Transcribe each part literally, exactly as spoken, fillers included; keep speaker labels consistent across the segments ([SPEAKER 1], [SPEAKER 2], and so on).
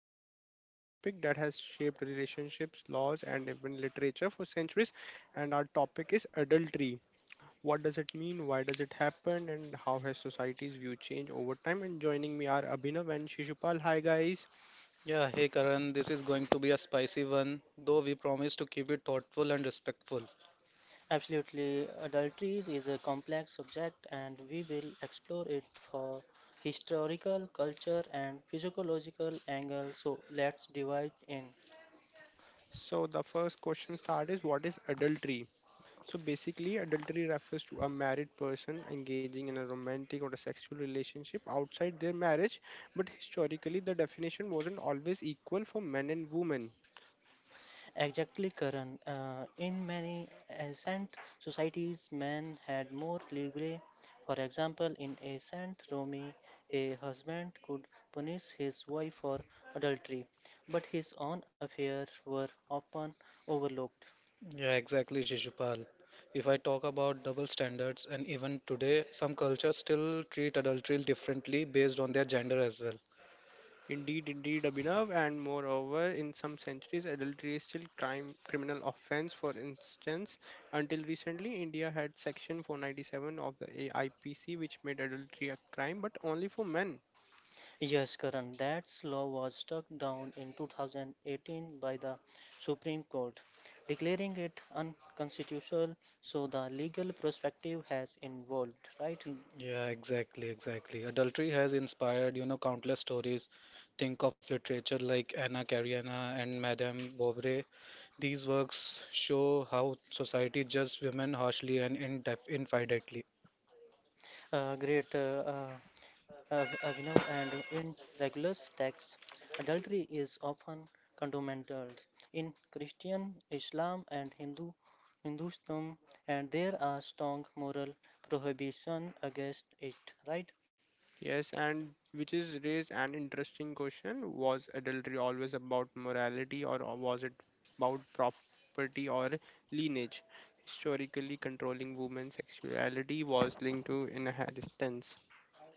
[SPEAKER 1] we are tackling a topic that has shaped relationships, laws, and even literature for centuries. And our topic is adultery. What does it mean? Why does it happen? And how has society's view changed over time? And joining me are Abhinav and Shishupal. Hi, guys.
[SPEAKER 2] Yeah, hey Karan, this is going to be a spicy one, though we promise to keep it thoughtful and respectful.
[SPEAKER 3] Absolutely, adulteries is a complex subject and we will explore it for historical, culture and physiological angle. So let's divide in.
[SPEAKER 1] So, the first question start is what is adultery? So basically, adultery refers to a married person engaging in a romantic or a sexual relationship outside their marriage, but historically, the definition wasn't always equal for men and women.
[SPEAKER 3] Exactly, Karan. Uh, in many ancient societies, men had more leeway. For example, in ancient Rome, a husband could punish his wife for adultery, but his own affairs were often overlooked.
[SPEAKER 2] Yeah, exactly, Shishupal. If I talk about double standards, and even today, some cultures still treat adultery differently based on their gender as well.
[SPEAKER 1] Indeed, indeed, Abhinav, and moreover, in some centuries, adultery is still crime criminal offense. For instance, until recently, India had Section four ninety-seven of the A I P C, which made adultery a crime, but only for men.
[SPEAKER 3] Yes, Karan, that law was struck down in two thousand eighteen by the Supreme Court, declaring it unconstitutional. So the legal perspective has evolved, right?
[SPEAKER 2] Mm, Yeah, exactly, exactly. Adultery has inspired, you know, countless stories. Think of literature like Anna Karenina and Madame Bovary. These works show how society judges women harshly and indef- infinitely.
[SPEAKER 3] Uh, great, uh, uh, Av- Avinav, and in regular texts, adultery is often condemned in Christian, Islam, and Hindu Hinduism, and there are strong moral prohibition against it, right?
[SPEAKER 1] Yes, and which is raised an interesting question. Was adultery always about morality or was it about property or lineage? Historically, controlling women's sexuality was linked to inheritance.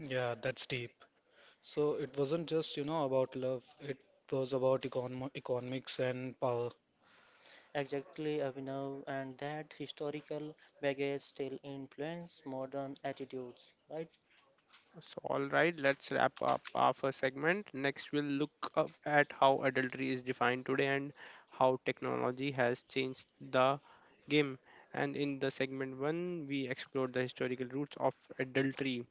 [SPEAKER 2] Yeah, that's deep. So it wasn't just, you know, about love. It was about econ economics and power.
[SPEAKER 3] Exactly, Abhinav, and that historical baggage still influence modern attitudes, right?
[SPEAKER 1] So, all right, let's wrap up our first segment. Next, we'll look up at how adultery is defined today and how technology has changed the game. And in the segment one, we explored the historical roots of adultery.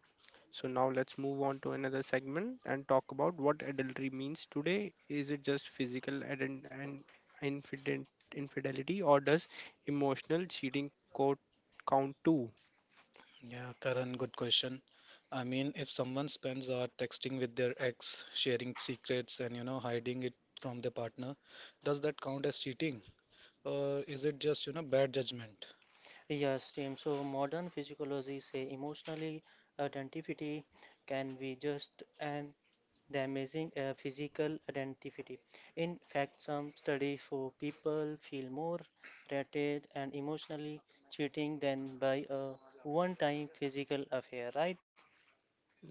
[SPEAKER 1] So now let's move on to another segment and talk about what adultery means today. Is it just physical and and infident infidelity, or does emotional cheating co- count too?
[SPEAKER 2] Yeah, Karan, good question. I mean, if someone spends hours texting with their ex, sharing secrets and, you know, hiding it from their partner, does that count as cheating? Or is it just, you know, bad judgment?
[SPEAKER 3] Yes, team. So modern physiology say emotionally identity can be just and damaging a physical identity. In fact, some study for people feel more rated and emotionally cheating than by a one-time physical affair, right?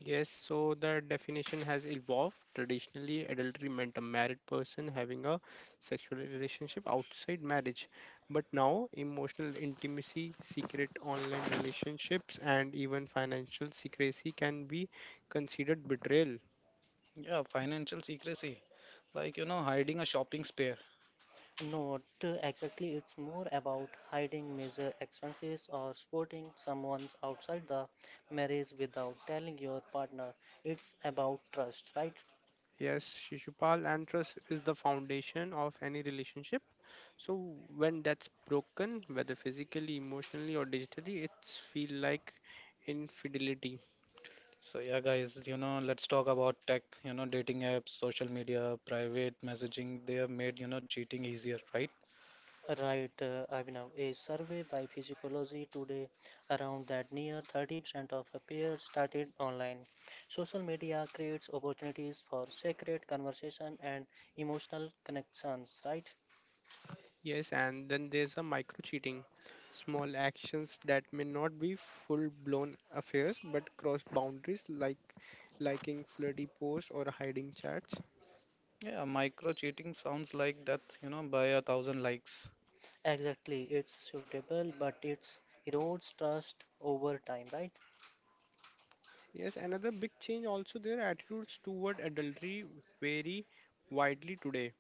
[SPEAKER 1] Yes, so the definition has evolved. Traditionally, adultery meant a married person having a sexual relationship outside marriage. But now, emotional intimacy, secret online relationships, and even financial secrecy can be considered betrayal.
[SPEAKER 2] Yeah, financial secrecy. Like, you know, hiding a shopping spare.
[SPEAKER 3] Not exactly, it's more about hiding major expenses or supporting someone outside the marriage without telling your partner. It's about trust, right?
[SPEAKER 1] Yes, Shishupal, and trust is the foundation of any relationship. So when that's broken, whether physically, emotionally, or digitally, it's feel like infidelity.
[SPEAKER 2] So yeah, guys, you know, let's talk about tech, you know, dating apps, social media, private messaging. They have made, you know, cheating easier, right?
[SPEAKER 3] Right, uh, Abhinav. A survey by Physiology today around that near thirty percent of affairs started online. Social media creates opportunities for sacred conversation and emotional connections, right?
[SPEAKER 1] Yes, and then there's a micro cheating, small actions that may not be full-blown affairs but cross boundaries, like liking flirty posts or hiding chats.
[SPEAKER 2] Yeah, micro cheating sounds like death, you know, by a thousand likes.
[SPEAKER 3] Exactly, it's suitable, but it erodes trust over time, right?
[SPEAKER 1] Yes, another big change also their attitudes toward adultery vary widely today.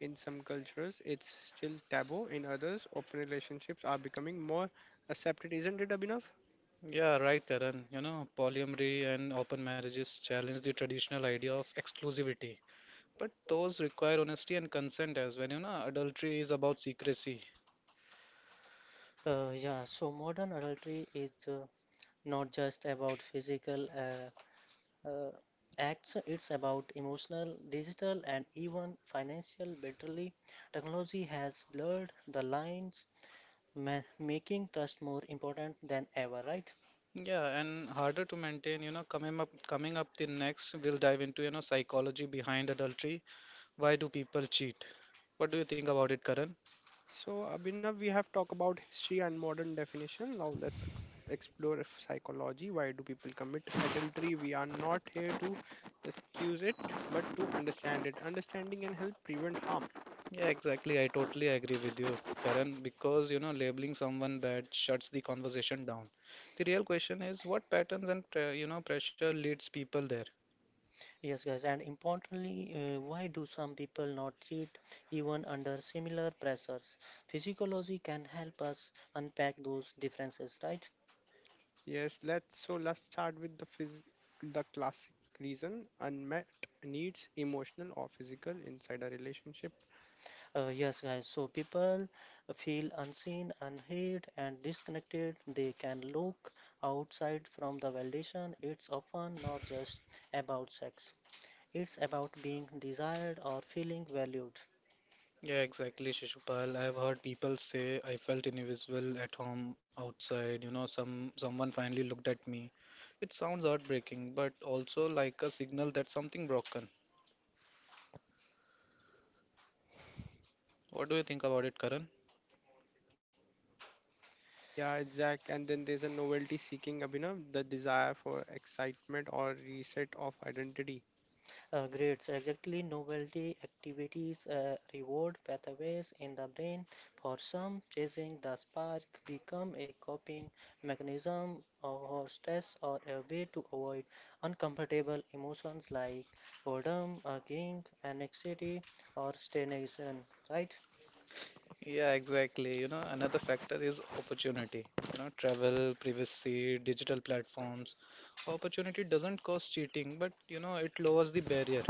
[SPEAKER 1] In some cultures, it's still taboo. In others, open relationships are becoming more accepted. Isn't it, Abhinav?
[SPEAKER 2] Yeah, right, Karan. You know, polyamory and open marriages challenge the traditional idea of exclusivity, but those require honesty and consent as well. You know, adultery is about secrecy.
[SPEAKER 3] Uh, yeah, so modern adultery is uh, not just about physical uh, uh, acts, it's about emotional, digital, and even financial battery. Technology has blurred the lines, ma making trust more important than ever, right?
[SPEAKER 2] Yeah, and harder to maintain. You know, coming up, coming up the next, we'll dive into, you know, psychology behind adultery. Why do people cheat? What do you think about it, Karan?
[SPEAKER 1] So, Abhinav, we have talked about history and modern definition. Now, let's explore if psychology. Why do people commit adultery? We are not here to excuse it, but to understand it. Understanding and help prevent harm.
[SPEAKER 2] Yeah, exactly. I totally agree with you, Karan, because you know, labeling someone bad shuts the conversation down. The real question is what patterns and pre- you know, pressure leads people there.
[SPEAKER 3] Yes, guys, and importantly, uh, why do some people not cheat even under similar pressures? Physiology can help us unpack those differences, right?
[SPEAKER 1] Yes, let's so let's start with the phys- the classic reason unmet needs, emotional or physical, inside a relationship.
[SPEAKER 3] Uh, yes, guys. So people feel unseen, unheard, and disconnected. They can look outside from the validation. It's often not just about sex. It's about being desired or feeling valued.
[SPEAKER 2] Yeah, exactly, Shishupal. I've heard people say I felt invisible at home, outside, you know, some someone finally looked at me. It sounds heartbreaking, but also like a signal that something broken. What do you think about it, Karan?
[SPEAKER 1] Yeah, exact. And then there's a novelty seeking, Abhinav, the desire for excitement or reset of identity.
[SPEAKER 3] Uh, grades exactly novelty activities uh, reward pathways in the brain. For some, chasing the spark become a coping mechanism or or stress or a way to avoid uncomfortable emotions like boredom, aching, anxiety, or stagnation. Right?
[SPEAKER 2] Yeah, exactly. You know, another factor is opportunity. You know, travel, privacy, digital platforms. Opportunity doesn't cause cheating, but you know, it lowers the barrier.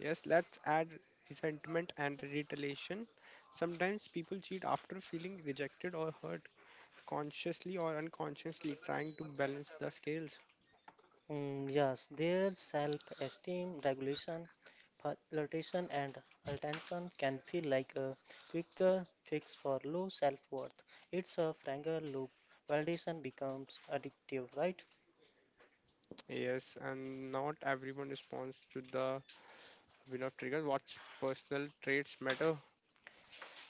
[SPEAKER 1] Yes, let's add resentment and retaliation. Sometimes people cheat after feeling rejected or hurt, consciously or unconsciously, trying to balance the scales.
[SPEAKER 3] Mm, yes, their self-esteem regulation, flirtation, and attention can feel like a quicker fix for low self-worth. It's a franger loop. Validation becomes addictive, right?
[SPEAKER 1] Yes, and not everyone responds to the Abhinav trigger. What personal traits matter?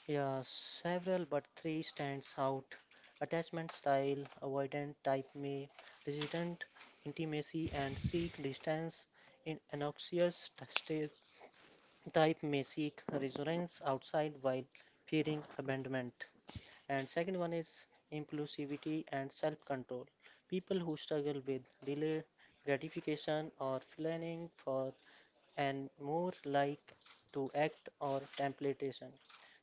[SPEAKER 3] Yeah, several but three stands out. Attachment style, avoidant type may, resistant intimacy and seek distance. In anxious t- state type may seek resonance outside while fearing abandonment. And second one is impulsivity and self-control. People who struggle with delayed gratification or planning for and more like to act or temptation.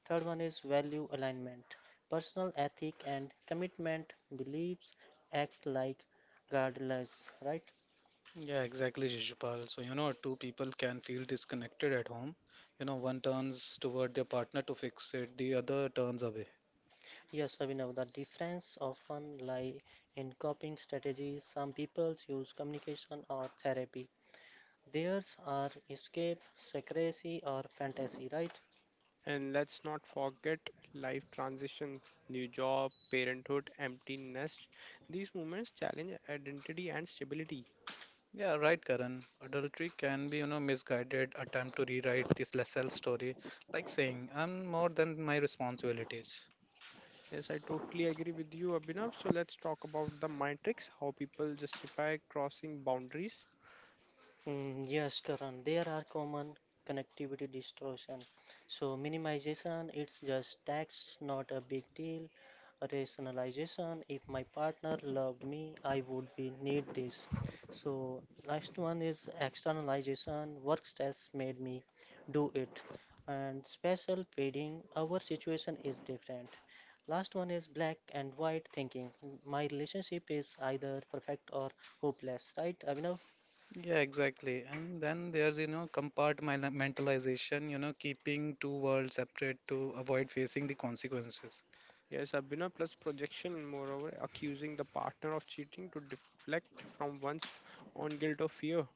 [SPEAKER 3] Third one is value alignment. Personal ethic and commitment beliefs act like guidelines, right?
[SPEAKER 2] Yeah, exactly, Shishupal. So, you know, two people can feel disconnected at home. You know, one turns toward their partner to fix it, the other turns away.
[SPEAKER 3] Yes, Abhinav, the difference often lie in coping strategies. Some people use communication or therapy, theirs are escape, secrecy, or fantasy, right?
[SPEAKER 1] And let's not forget life transition, new job, parenthood, empty nest. These moments challenge identity and stability.
[SPEAKER 2] Yeah, right, Karan. Adultery can be, you know, misguided attempt to rewrite this self story, like saying, I'm more than my responsibilities.
[SPEAKER 1] Yes, I totally agree with you, Abhinav. So let's talk about the mind tricks, how people justify crossing boundaries.
[SPEAKER 3] Mm, yes, Karan, there are common connectivity distortion. So minimization, it's just tax, not a big deal. Rationalization, if my partner loved me, I would be need this. So next one is externalization, work stress made me do it. And special feeding, our situation is different. Last one is black and white thinking. My relationship is either perfect or hopeless, right, Abhinav?
[SPEAKER 2] Yeah, exactly. And then there's, you know, compartmentalization, you know, keeping two worlds separate to avoid facing the consequences.
[SPEAKER 1] Yes, Abhinav plus projection, moreover, accusing the partner of cheating to deflect from one's own guilt or fear.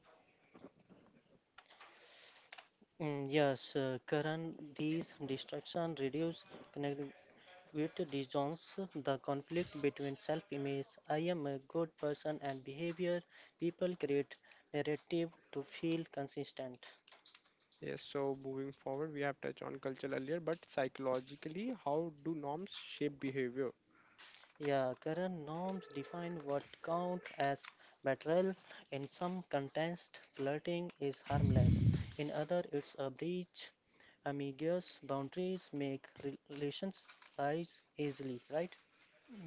[SPEAKER 3] Mm, Yes, uh, Karan, these distractions reduce connectivity disjoints the conflict between self-image, I am a good person, and behavior. People create narrative to feel consistent.
[SPEAKER 1] Yes, so moving forward, we have touched on culture earlier, but psychologically, how do norms shape behavior?
[SPEAKER 3] Yeah, current norms define what count as betrayal. In some contexts, flirting is harmless. In other, it's a breach. Ambiguous boundaries make relations rise easily, right?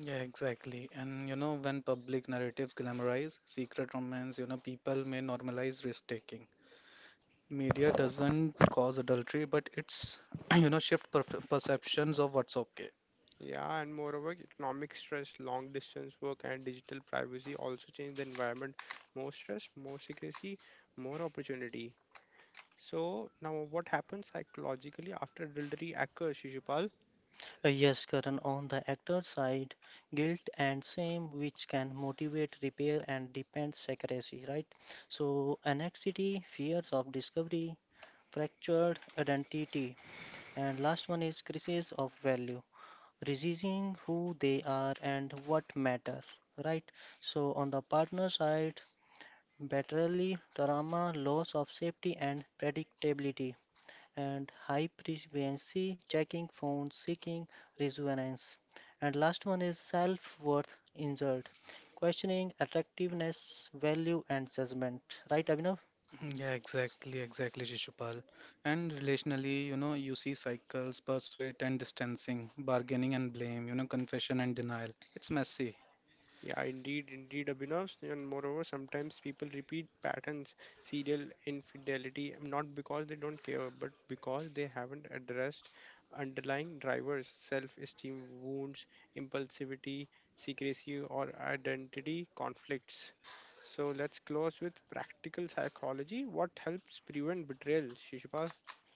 [SPEAKER 2] Yeah, exactly. And, you know, when public narratives glamorize secret romance, you know, people may normalize risk taking. Media doesn't cause adultery, but it's, you know, shift perf perceptions of what's okay.
[SPEAKER 1] Yeah, and moreover, economic stress, long distance work, and digital privacy also change the environment. More stress, more secrecy, more opportunity. So, now what happens psychologically after adultery occurs, Shishupal?
[SPEAKER 3] Uh, Yes, Karan, on the actor side, guilt and shame which can motivate repair and depend secrecy, right? So anxiety, fears of discovery, fractured identity, and last one is crisis of value, realizing who they are and what matter, right? So on the partner side, betrayal, trauma, loss of safety and predictability and high frequency checking, phone seeking resonance. And last one is self worth injured, questioning attractiveness, value, and judgment. Right, Abhinav?
[SPEAKER 2] Yeah, exactly, exactly, Shishupal. And relationally, you know, you see cycles, persuade and distancing, bargaining and blame, you know, confession and denial. It's messy.
[SPEAKER 1] Yeah, indeed, indeed, Abhinav. And moreover, sometimes people repeat patterns, serial infidelity, not because they don't care, but because they haven't addressed underlying drivers, self esteem wounds, impulsivity, secrecy, or identity conflicts. So let's close with practical psychology. What helps prevent betrayal, Shishupal?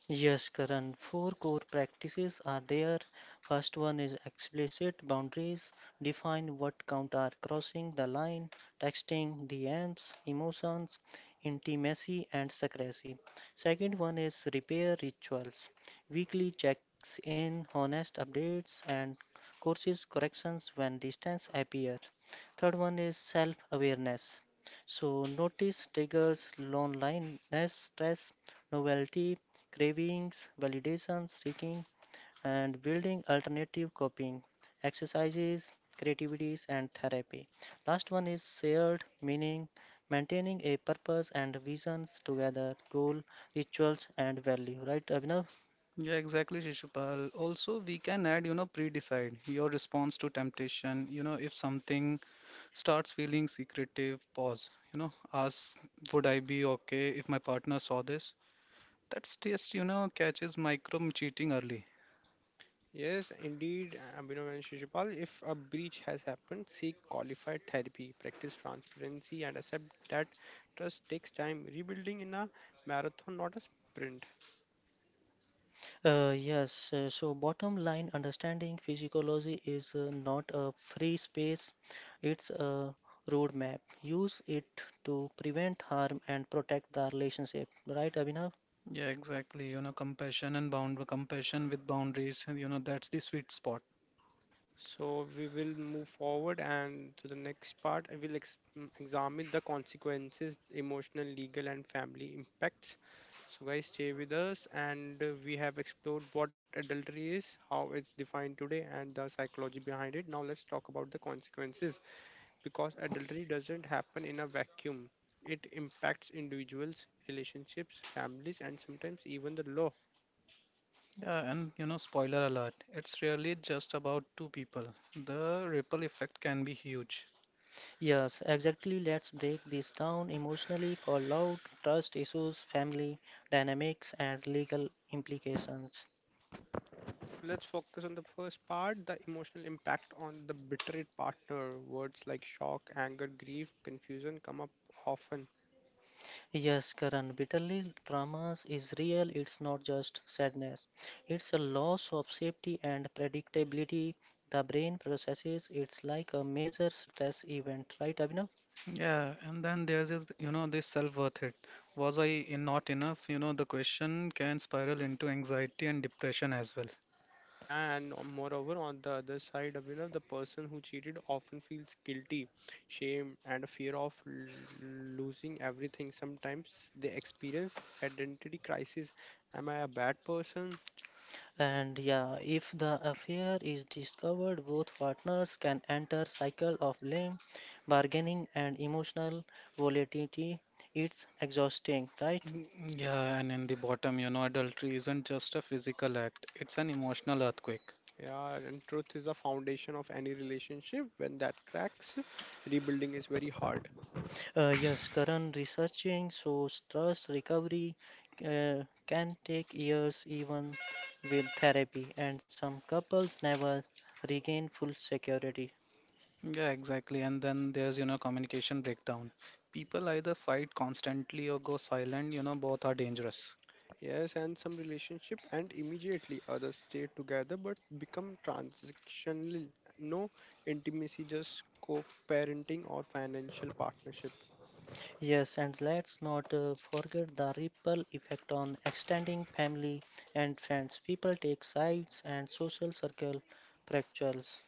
[SPEAKER 3] Yes, Karan, four core practices are there. First one is explicit boundaries, define what count are crossing the line, texting, D Ms, emotions, intimacy, and secrecy. Second one is repair rituals, weekly checks in, honest updates, and courses corrections when distance appear. Third one is self awareness. So notice triggers, loneliness, stress, novelty, cravings, validation seeking, and building alternative coping, exercises, creativities, and therapy. Last one is shared meaning, maintaining a purpose and visions together, goal, rituals, and value. Right, Abhinav?
[SPEAKER 2] Yeah, exactly, Shishupal. Also, we can add, you know, pre-decide your response to temptation. You know, if something starts feeling secretive, pause. You know, ask, would I be okay if my partner saw this? That's just, you know, catches micro cheating early.
[SPEAKER 1] Yes, indeed, uh, Abhinav and Shishupal. If a breach has happened, seek qualified therapy, practice transparency, and accept that trust takes time. Rebuilding in a marathon, not a sprint.
[SPEAKER 3] Uh, yes, uh, so bottom line understanding physiology is uh, not a free space, it's a roadmap. Use it to prevent harm and protect the relationship. Right, Abhinav?
[SPEAKER 2] Yeah, exactly. You know, compassion and bound compassion with boundaries, and you know, that's the sweet spot.
[SPEAKER 1] So we will move forward, and to the next part, I will ex- mm, examine the consequences, emotional, legal, and family impacts. So, guys, stay with us, and uh, we have explored what adultery is, how it's defined today, and the psychology behind it. Now, let's talk about the consequences, because adultery doesn't happen in a vacuum. It impacts individuals, relationships, families, and sometimes even the law.
[SPEAKER 2] Yeah, and you know, spoiler alert, it's really just about two people. The ripple effect can be huge.
[SPEAKER 3] Yes, exactly. Let's break this down emotionally for love, trust issues, family dynamics, and legal implications.
[SPEAKER 1] So let's focus on the first part the emotional impact on the betrayed partner. Words like shock, anger, grief, confusion come up often.
[SPEAKER 3] Yes, Karan, bitterly traumas is real. It's not just sadness. It's a loss of safety and predictability. The brain processes it's like a major stress event, right, Abhinav?
[SPEAKER 2] Yeah, and then there's this, you know, this self worth it. Was I in- not enough? You know, the question can spiral into anxiety and depression as well.
[SPEAKER 1] Yeah, and on- moreover, on the other side, Abhinav, the person who cheated often feels guilty, shame, and a fear of l- losing everything. Sometimes they experience identity crisis. Am I a bad person?
[SPEAKER 3] And yeah, if the affair is discovered, both partners can enter cycle of blame, bargaining, and emotional volatility. It's exhausting, right?
[SPEAKER 2] Mm, Yeah, and in the bottom, you know, adultery isn't just a physical act, it's an emotional earthquake.
[SPEAKER 1] Yeah, and truth is the foundation of any relationship. When that cracks, rebuilding is very hard.
[SPEAKER 3] Uh, yes, current researching shows trust recovery uh, can take years, even with therapy, and some couples never regain full security.
[SPEAKER 2] Yeah, exactly. And then there's, you know, communication breakdown. People either fight constantly or go silent, you know, both are dangerous.
[SPEAKER 1] Yes, and some relationship and immediately others stay together but become transactional. No intimacy, just co-parenting or financial partnership.
[SPEAKER 3] Yes, and let's not uh, forget the ripple effect on extending family and friends. People take sides and social circle fractures.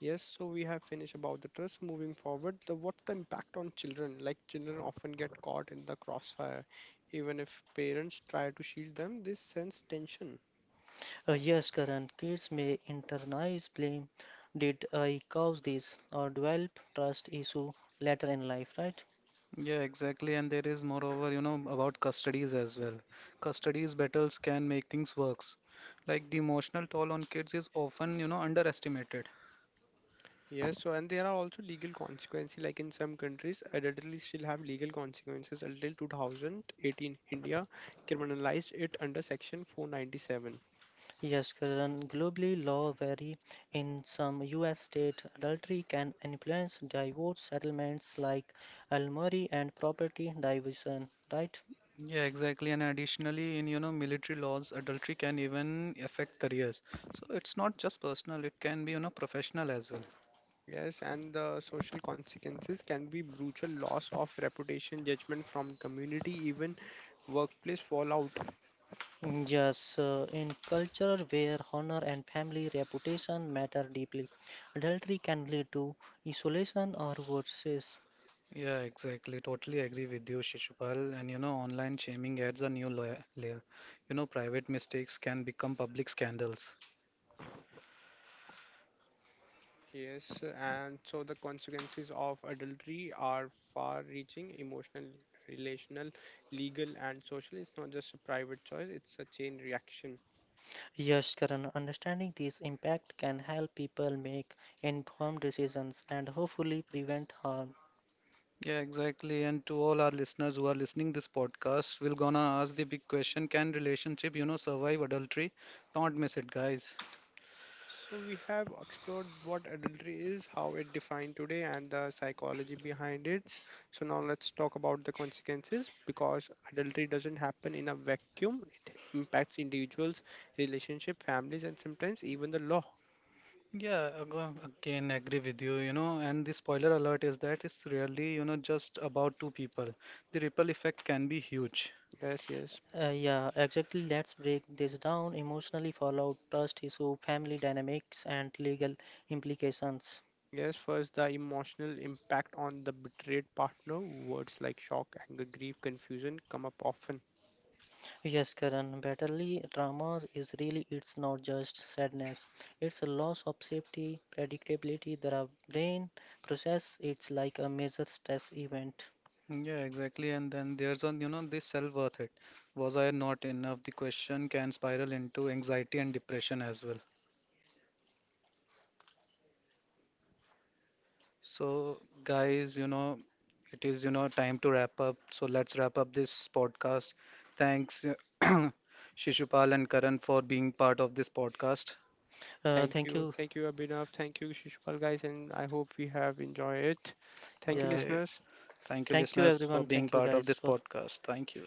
[SPEAKER 1] Yes, so we have finished about the trust. Moving forward, the what's the impact on children? Like children often get caught in the crossfire, even if parents try to shield them. This sends tension.
[SPEAKER 3] Uh, yes, current kids may internalize blame. Did I cause this? Or develop trust issue later in life, right?
[SPEAKER 2] Yeah, exactly. And there is moreover, you know, about custodies as well. Custodies battles can make things worse. Like the emotional toll on kids is often, you know, underestimated.
[SPEAKER 1] Yes, so and there are also legal consequences. Like in some countries, adultery still have legal consequences until two thousand eighteen. India criminalized it under Section four ninety-seven.
[SPEAKER 3] Yes, Karan, globally law vary. In some U S state, adultery can influence divorce settlements like alimony and property division, right?
[SPEAKER 2] Yeah, exactly. And additionally, in, you know, military laws, adultery can even affect careers. So it's not just personal, it can be, you know, professional as well.
[SPEAKER 1] Yes, and the social consequences can be brutal loss of reputation, judgment from community, even workplace fallout.
[SPEAKER 3] Mm, Yes, uh, in culture where honor and family reputation matter deeply, adultery can lead to isolation or worse.
[SPEAKER 2] Yeah, exactly. Totally agree with you, Shishupal. And you know, online shaming adds a new layer. layer. You know, private mistakes can become public scandals.
[SPEAKER 1] Yes, and so the consequences of adultery are far-reaching, emotional, relational, legal, and social. It's not just a private choice; it's a chain reaction.
[SPEAKER 3] Yes, Karan, understanding this impact can help people make informed decisions and hopefully prevent harm.
[SPEAKER 2] Yeah, exactly. And to all our listeners who are listening this podcast, we're gonna ask the big question: Can relationship, you know, survive adultery? Don't miss it, guys.
[SPEAKER 1] So we have explored what adultery is, how it defined today, and the psychology behind it. So now let's talk about the consequences because adultery doesn't happen in a vacuum. It impacts individuals, relationship, families, and sometimes even the law.
[SPEAKER 2] Yeah, ag- again, agree with you, you know, and the spoiler alert is that it's really, you know, just about two people. The ripple effect can be huge.
[SPEAKER 1] Yes, yes.
[SPEAKER 3] Uh, yeah, exactly. Let's break this down emotionally fallout, trust issue, family dynamics, and legal implications.
[SPEAKER 1] Yes, first the emotional impact on the betrayed partner. Words like shock, anger, grief, confusion come up often.
[SPEAKER 3] Yes, Karan, Battlely dramas is really it's not just sadness. It's a loss of safety, predictability. There are brain process. It's like a major stress event.
[SPEAKER 2] Yeah, exactly. And then there's on, you know, this self-worth it. Was I not enough? The question can spiral into anxiety and depression as well. So, guys, you know, it is, you know, time to wrap up. So let's wrap up this podcast. Thanks, Shishupal and Karan for being part of this podcast.
[SPEAKER 3] Uh,
[SPEAKER 1] Thank
[SPEAKER 3] thank
[SPEAKER 1] you.
[SPEAKER 3] you.
[SPEAKER 1] Thank you, Abhinav. Thank you, Shishupal guys, and I hope we have enjoyed it. Thank you,
[SPEAKER 3] Yeah.
[SPEAKER 2] Okay.
[SPEAKER 1] listeners.
[SPEAKER 2] Thank you,
[SPEAKER 3] Thank you
[SPEAKER 2] listeners, for
[SPEAKER 3] everyone.
[SPEAKER 2] being
[SPEAKER 3] Thank you
[SPEAKER 2] part of
[SPEAKER 3] guys
[SPEAKER 2] this
[SPEAKER 3] for
[SPEAKER 2] podcast. Thank you.